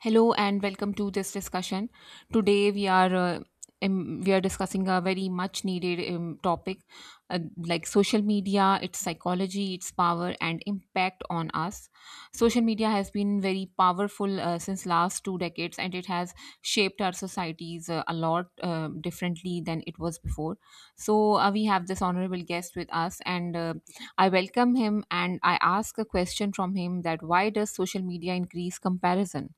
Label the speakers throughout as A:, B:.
A: Hello and welcome to this discussion. Today we are discussing a very much needed topic, like social media, its psychology, its power and impact on us. Social media has been very powerful since last two decades and it has shaped our societies a lot, differently than it was before. So we have this honorable guest with us, and I welcome him and I ask a question from him: that why does social media increase comparison?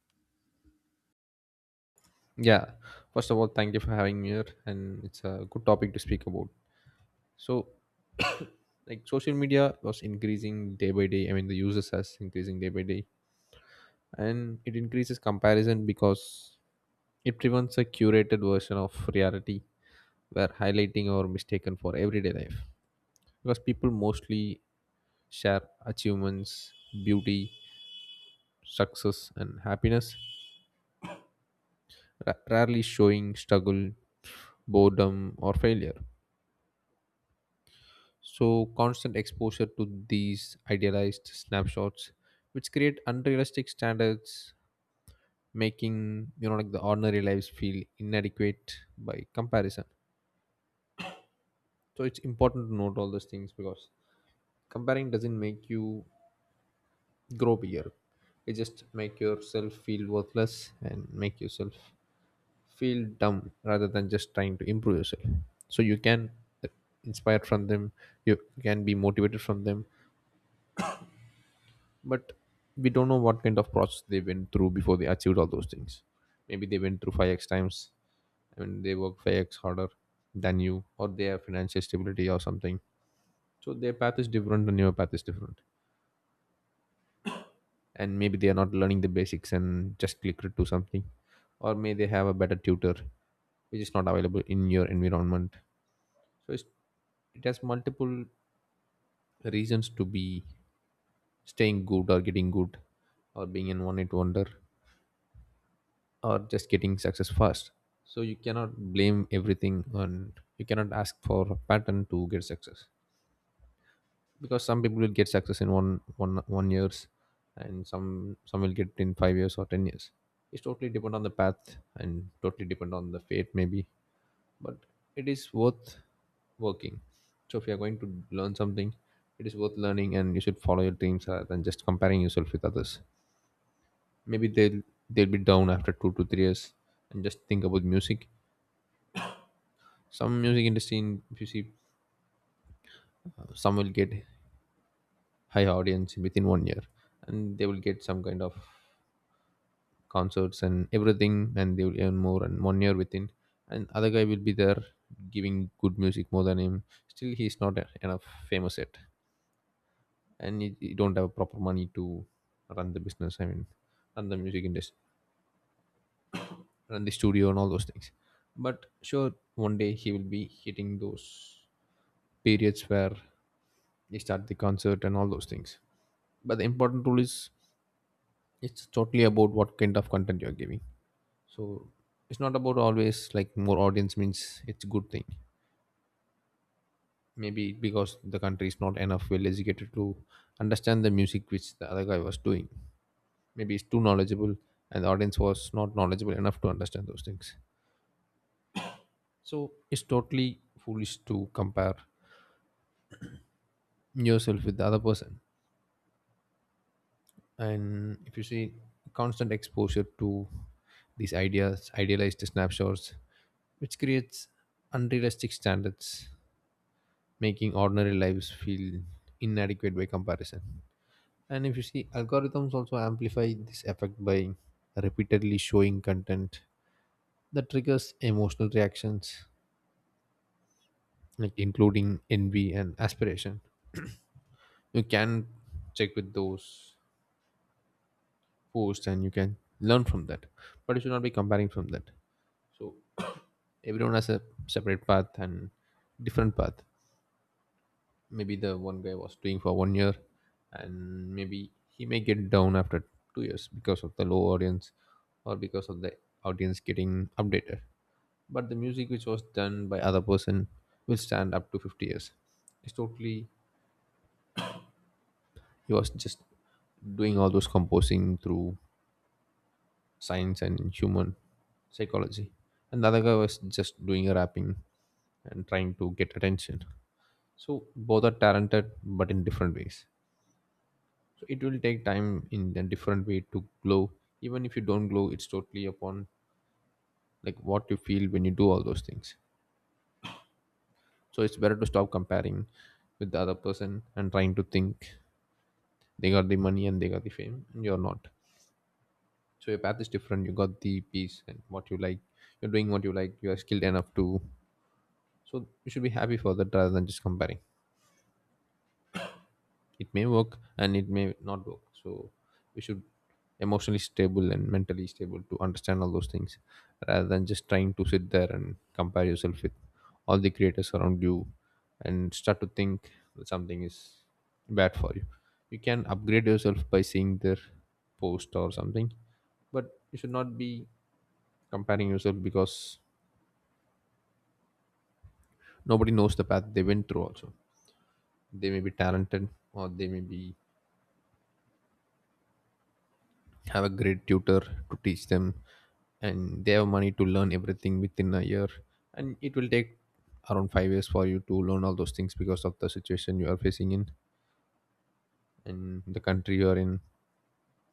B: Yeah, first of all, thank you for having me here, and it's a good topic to speak about. So, like, social media was increasing day by day. I mean, the users has increasing day by day, and it increases comparison because it prevents a curated version of reality where highlighting or mistaken for everyday life. Because people mostly share achievements, beauty, success, and happiness, rarely showing struggle, boredom, or failure. So, constant exposure to these idealized snapshots, which create unrealistic standards, making like the ordinary lives feel inadequate by comparison. So, it's important to note all those things because comparing doesn't make you grow bigger. It just make yourself feel worthless and make yourself feel dumb rather than just trying to improve yourself. So you can uh, inspire from them. You can be motivated from them, but we don't know what kind of process they went through before they achieved all those things. Maybe they went through 5x times and they work 5x harder than you, or they have financial stability or something. So their path is different and your path is different, and maybe they are not learning the basics and just click to something, or may they have a better tutor which is not available in your environment. So it has multiple reasons to be staying good or getting good or being an one-hit wonder or just getting success fast. So you cannot blame everything and you cannot ask for a pattern to get success, because some people will get success in one years, and some will get in 5 years or 10 years. It's totally depend on the path and totally depend on the fate maybe. But it is worth working. So if you are going to learn something, it is worth learning, and you should follow your dreams rather than just comparing yourself with others. Maybe they'll be down after 2 to 3 years. And just think about music. Some music industry if you see, some will get high audience within 1 year and they will get some kind of concerts and everything, and they will earn more and 1 year within, and other guy will be there giving good music more than him, still he's not enough famous yet, and you don't have proper money to run the business. I mean, run the music industry, run the studio and all those things. But sure one day he will be hitting those periods where they start the concert and all those things. But the important rule is, it's totally about what kind of content you're giving. So it's not about always like more audience means it's a good thing. Maybe because the country is not enough well educated to understand the music which the other guy was doing. Maybe it's too knowledgeable and the audience was not knowledgeable enough to understand those things. So it's totally foolish to compare yourself with the other person. And if you see, constant exposure to these ideas idealized snapshots, which creates unrealistic standards, making ordinary lives feel inadequate by comparison. And if you see, algorithms also amplify this effect by repeatedly showing content that triggers emotional reactions like including envy and aspiration. You can check with those posts and you can learn from that, but you should not be comparing from that. So everyone has a separate path and different path. Maybe the one guy was doing for 1 year, and maybe he may get down after 2 years because of the low audience, or because of the audience getting updated. But the music which was done by other person will stand up to 50 years. It's totally, he was just doing all those composing through science and human psychology, and the other guy was just doing a rapping and trying to get attention. So both are talented but in different ways. So it will take time in a different way to glow. Even if you don't glow, it's totally upon like what you feel when you do all those things. So it's better to stop comparing with the other person and trying to think they got the money and they got the fame and you're not. So your path is different, you got the peace and what you like, you're doing what you like, you are skilled enough to. So you should be happy for that rather than just comparing. It may work and it may not work. So we should emotionally stable and mentally stable to understand all those things, rather than just trying to sit there and compare yourself with all the creators around you and start to think that something is bad for you. You can upgrade yourself by seeing their post or something, but you should not be comparing yourself, because nobody knows the path they went through also. They may be talented, or they may be have a great tutor to teach them, and they have money to learn everything within a year, and it will take around 5 years for you to learn all those things because of the situation you are facing in and the country you are in.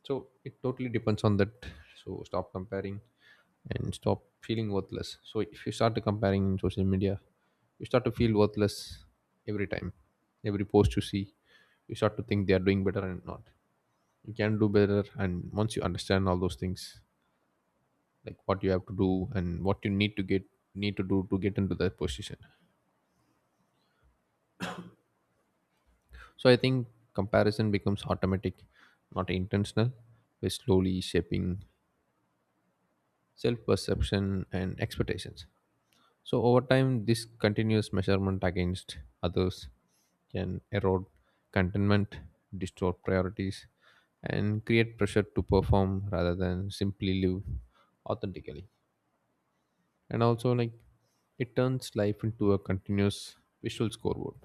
B: So it totally depends on that. So stop comparing and stop feeling worthless. So if you start to comparing in social media, you start to feel worthless every time. Every post you see, you start to think they are doing better and not you can do better. And once you understand all those things, like what you have to do and what you need to get need to do to get into that position. So I think comparison becomes automatic, not intentional. We're slowly shaping self perception and expectations. So over time this continuous measurement against others can erode contentment, distort priorities, and create pressure to perform rather than simply live authentically. And also, like, it turns life into a continuous visual scoreboard.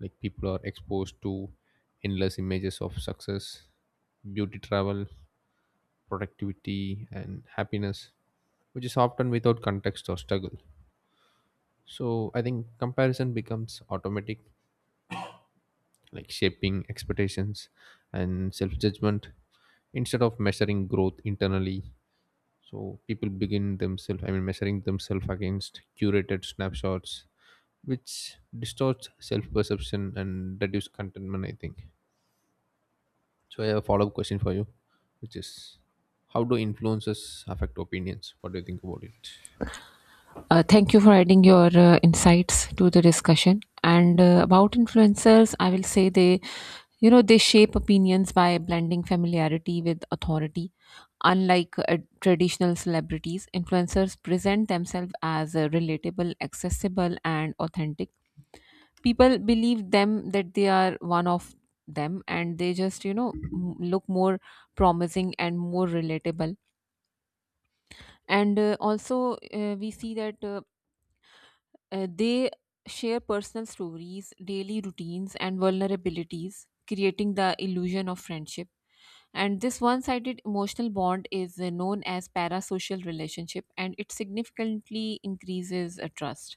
B: Like, people are exposed to endless images of success, beauty, travel, productivity and happiness, which is often without context or struggle. So I think comparison becomes automatic, like shaping expectations and self-judgment instead of measuring growth internally. So people begin themselves I mean measuring themselves against curated snapshots, which distorts self-perception and reduce contentment I think. So I have a follow-up question for you, which is how do influences affect opinions? What do you think about it?
A: Thank you for adding your insights to the discussion. And about influencers, I will say they, you know, they shape opinions by blending familiarity with authority. Unlike traditional celebrities, influencers present themselves as relatable, accessible, and authentic. People believe them that they are one of them, and they just, you know, look more promising and more relatable. And also, we see that. They share personal stories, daily routines, and vulnerabilities, creating the illusion of friendship. And this one sided emotional bond is known as parasocial relationship, and it significantly increases trust.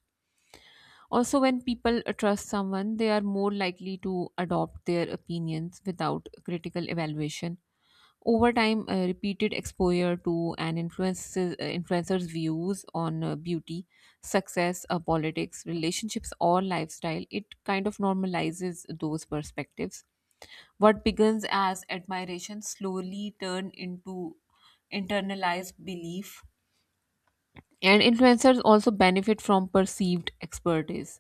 A: Also, when people trust someone, they are more likely to adopt their opinions without critical evaluation. Over time, repeated exposure to an influencer's views on beauty, success, politics, relationships, or lifestyle, it kind of normalizes those perspectives. What begins as admiration slowly turn into internalized belief. And influencers also benefit from perceived expertise.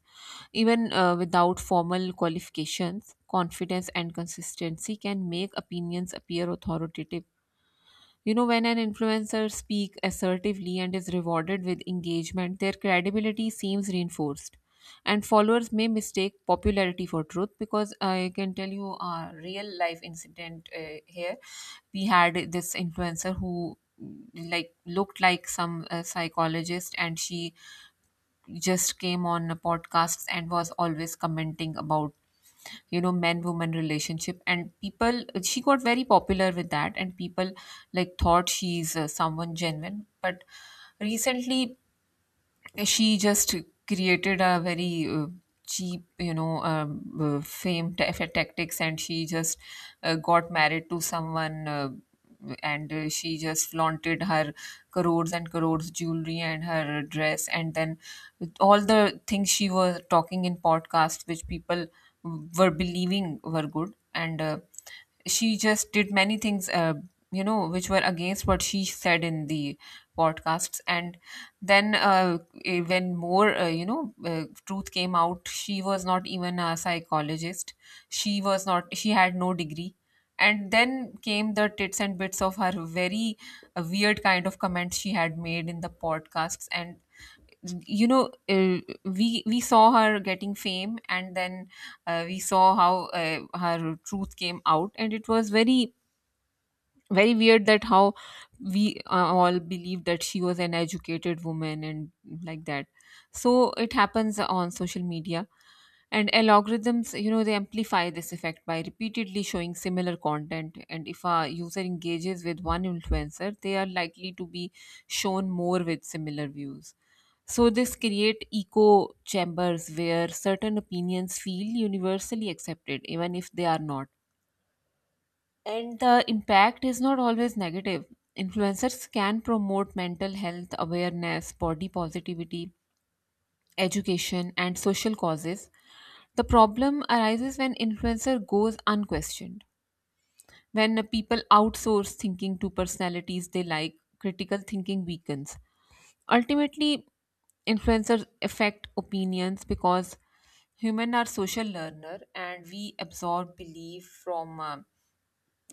A: Even without formal qualifications, confidence and consistency can make opinions appear authoritative. You know, when an influencer speaks assertively and is rewarded with engagement, their credibility seems reinforced. And followers may mistake popularity for truth, because I can tell you a real life incident here. We had this influencer who like looked like some psychologist, and she just came on podcasts and was always commenting about, you know, men woman relationship, and people, she got very popular with that, and people like thought she's someone genuine. But recently, she just created a very cheap, fame tactics, and she just got married to someone, and she just flaunted her crores and crores jewelry and her dress, and then all the things she was talking in podcasts which people were believing were good, and she just did many things, you know, which were against what she said in the podcasts. And then, when more, truth came out, she was not even a psychologist. She was not, she had no degree. And then came the tits and bits of her very weird kind of comments she had made in the podcasts. And, you know uh, we saw her getting fame, and then we saw how her truth came out, and it was very very weird that how we all believe that she was an educated woman and like that. So it happens on social media. And algorithms, you know, they amplify this effect by repeatedly showing similar content, and if a user engages with one influencer, they are likely to be shown more with similar views. So this create echo chambers where certain opinions feel universally accepted even if they are not. And the impact is not always negative. Influencers can promote mental health awareness, body positivity, education, and social causes. The problem arises when influencer goes unquestioned. When people outsource thinking to personalities they like, critical thinking weakens. Ultimately, influencers affect opinions because human are social learner, and we absorb belief from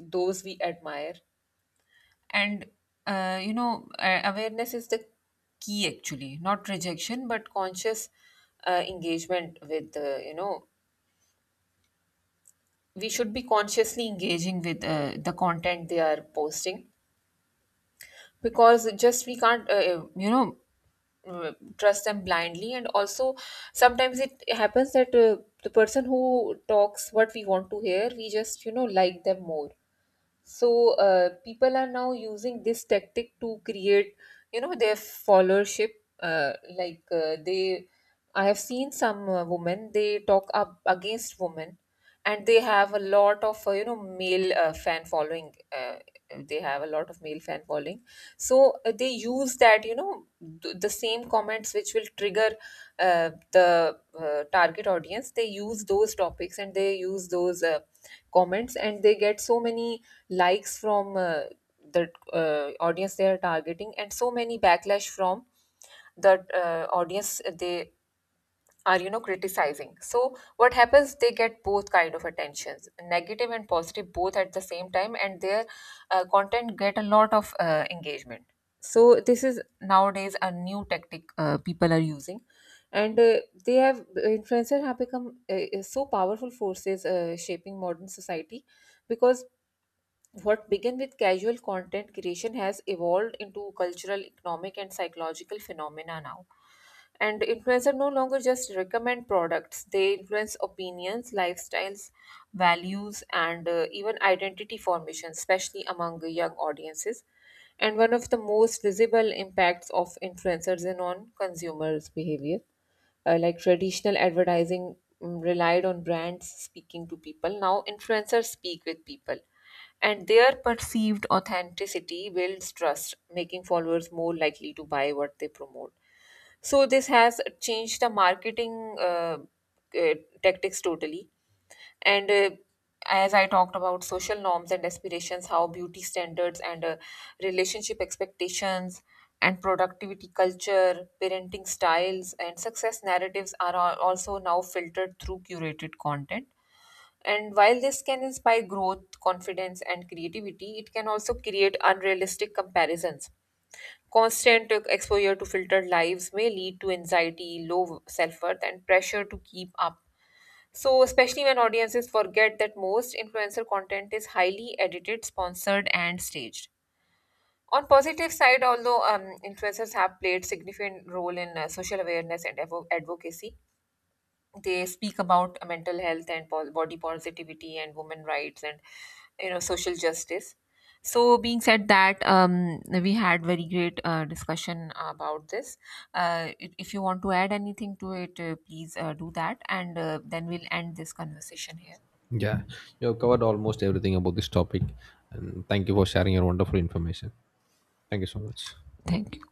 A: those we admire. And you know, awareness is the key, actually, not rejection but conscious engagement with, you know, we should be consciously engaging with the content they are posting, because just we can't, you know, trust them blindly. And also, sometimes it happens that the person who talks what we want to hear, we just, you know, like them more. So people are now using this tactic to create, you know, their followership. Like, they, I have seen some women, they talk up against women, and they have a lot of, you know, male fan following. They have a lot of male fan following, so they use that, you know, the same comments which will trigger the target audience. They use those topics and they use those comments, and they get so many likes from the audience they are targeting, and so many backlash from the audience they are, you know, criticizing. So what happens, they get both kind of attentions, negative and positive, both at the same time, and their content get a lot of engagement. So this is nowadays a new tactic people are using. And uh, they have influencers have become, so powerful forces shaping modern society, because what began with casual content creation has evolved into cultural, economic, and psychological phenomena now. And influencers no longer just recommend products, they influence opinions, lifestyles, values, and, even identity formation, especially among young audiences. And one of the most visible impacts of influencers is on consumers' behavior. Like traditional advertising relied on brands speaking to people, now influencers speak with people, and their perceived authenticity builds trust, making followers more likely to buy what they promote. So this has changed the marketing uh, tactics totally. And as I talked about social norms and aspirations, how beauty standards and relationship expectations and productivity culture, parenting styles, and success narratives are also now filtered through curated content. And while this can inspire growth, confidence, and creativity, it can also create unrealistic comparisons. Constant exposure to filtered lives may lead to anxiety, low self worth, and pressure to keep up. So, especially when audiences forget that most influencer content is highly edited, sponsored, and staged. On positive side, although influencers have played significant role in social awareness and advocacy, they speak about mental health and body positivity and women rights and, you know, social justice. So being said that, we had very great discussion about this. If you want to add anything to it, please do that, and then we'll end this conversation here.
B: Yeah, you have covered almost everything about this topic, and thank you for sharing your wonderful information. Thank you so much.
A: Thank you.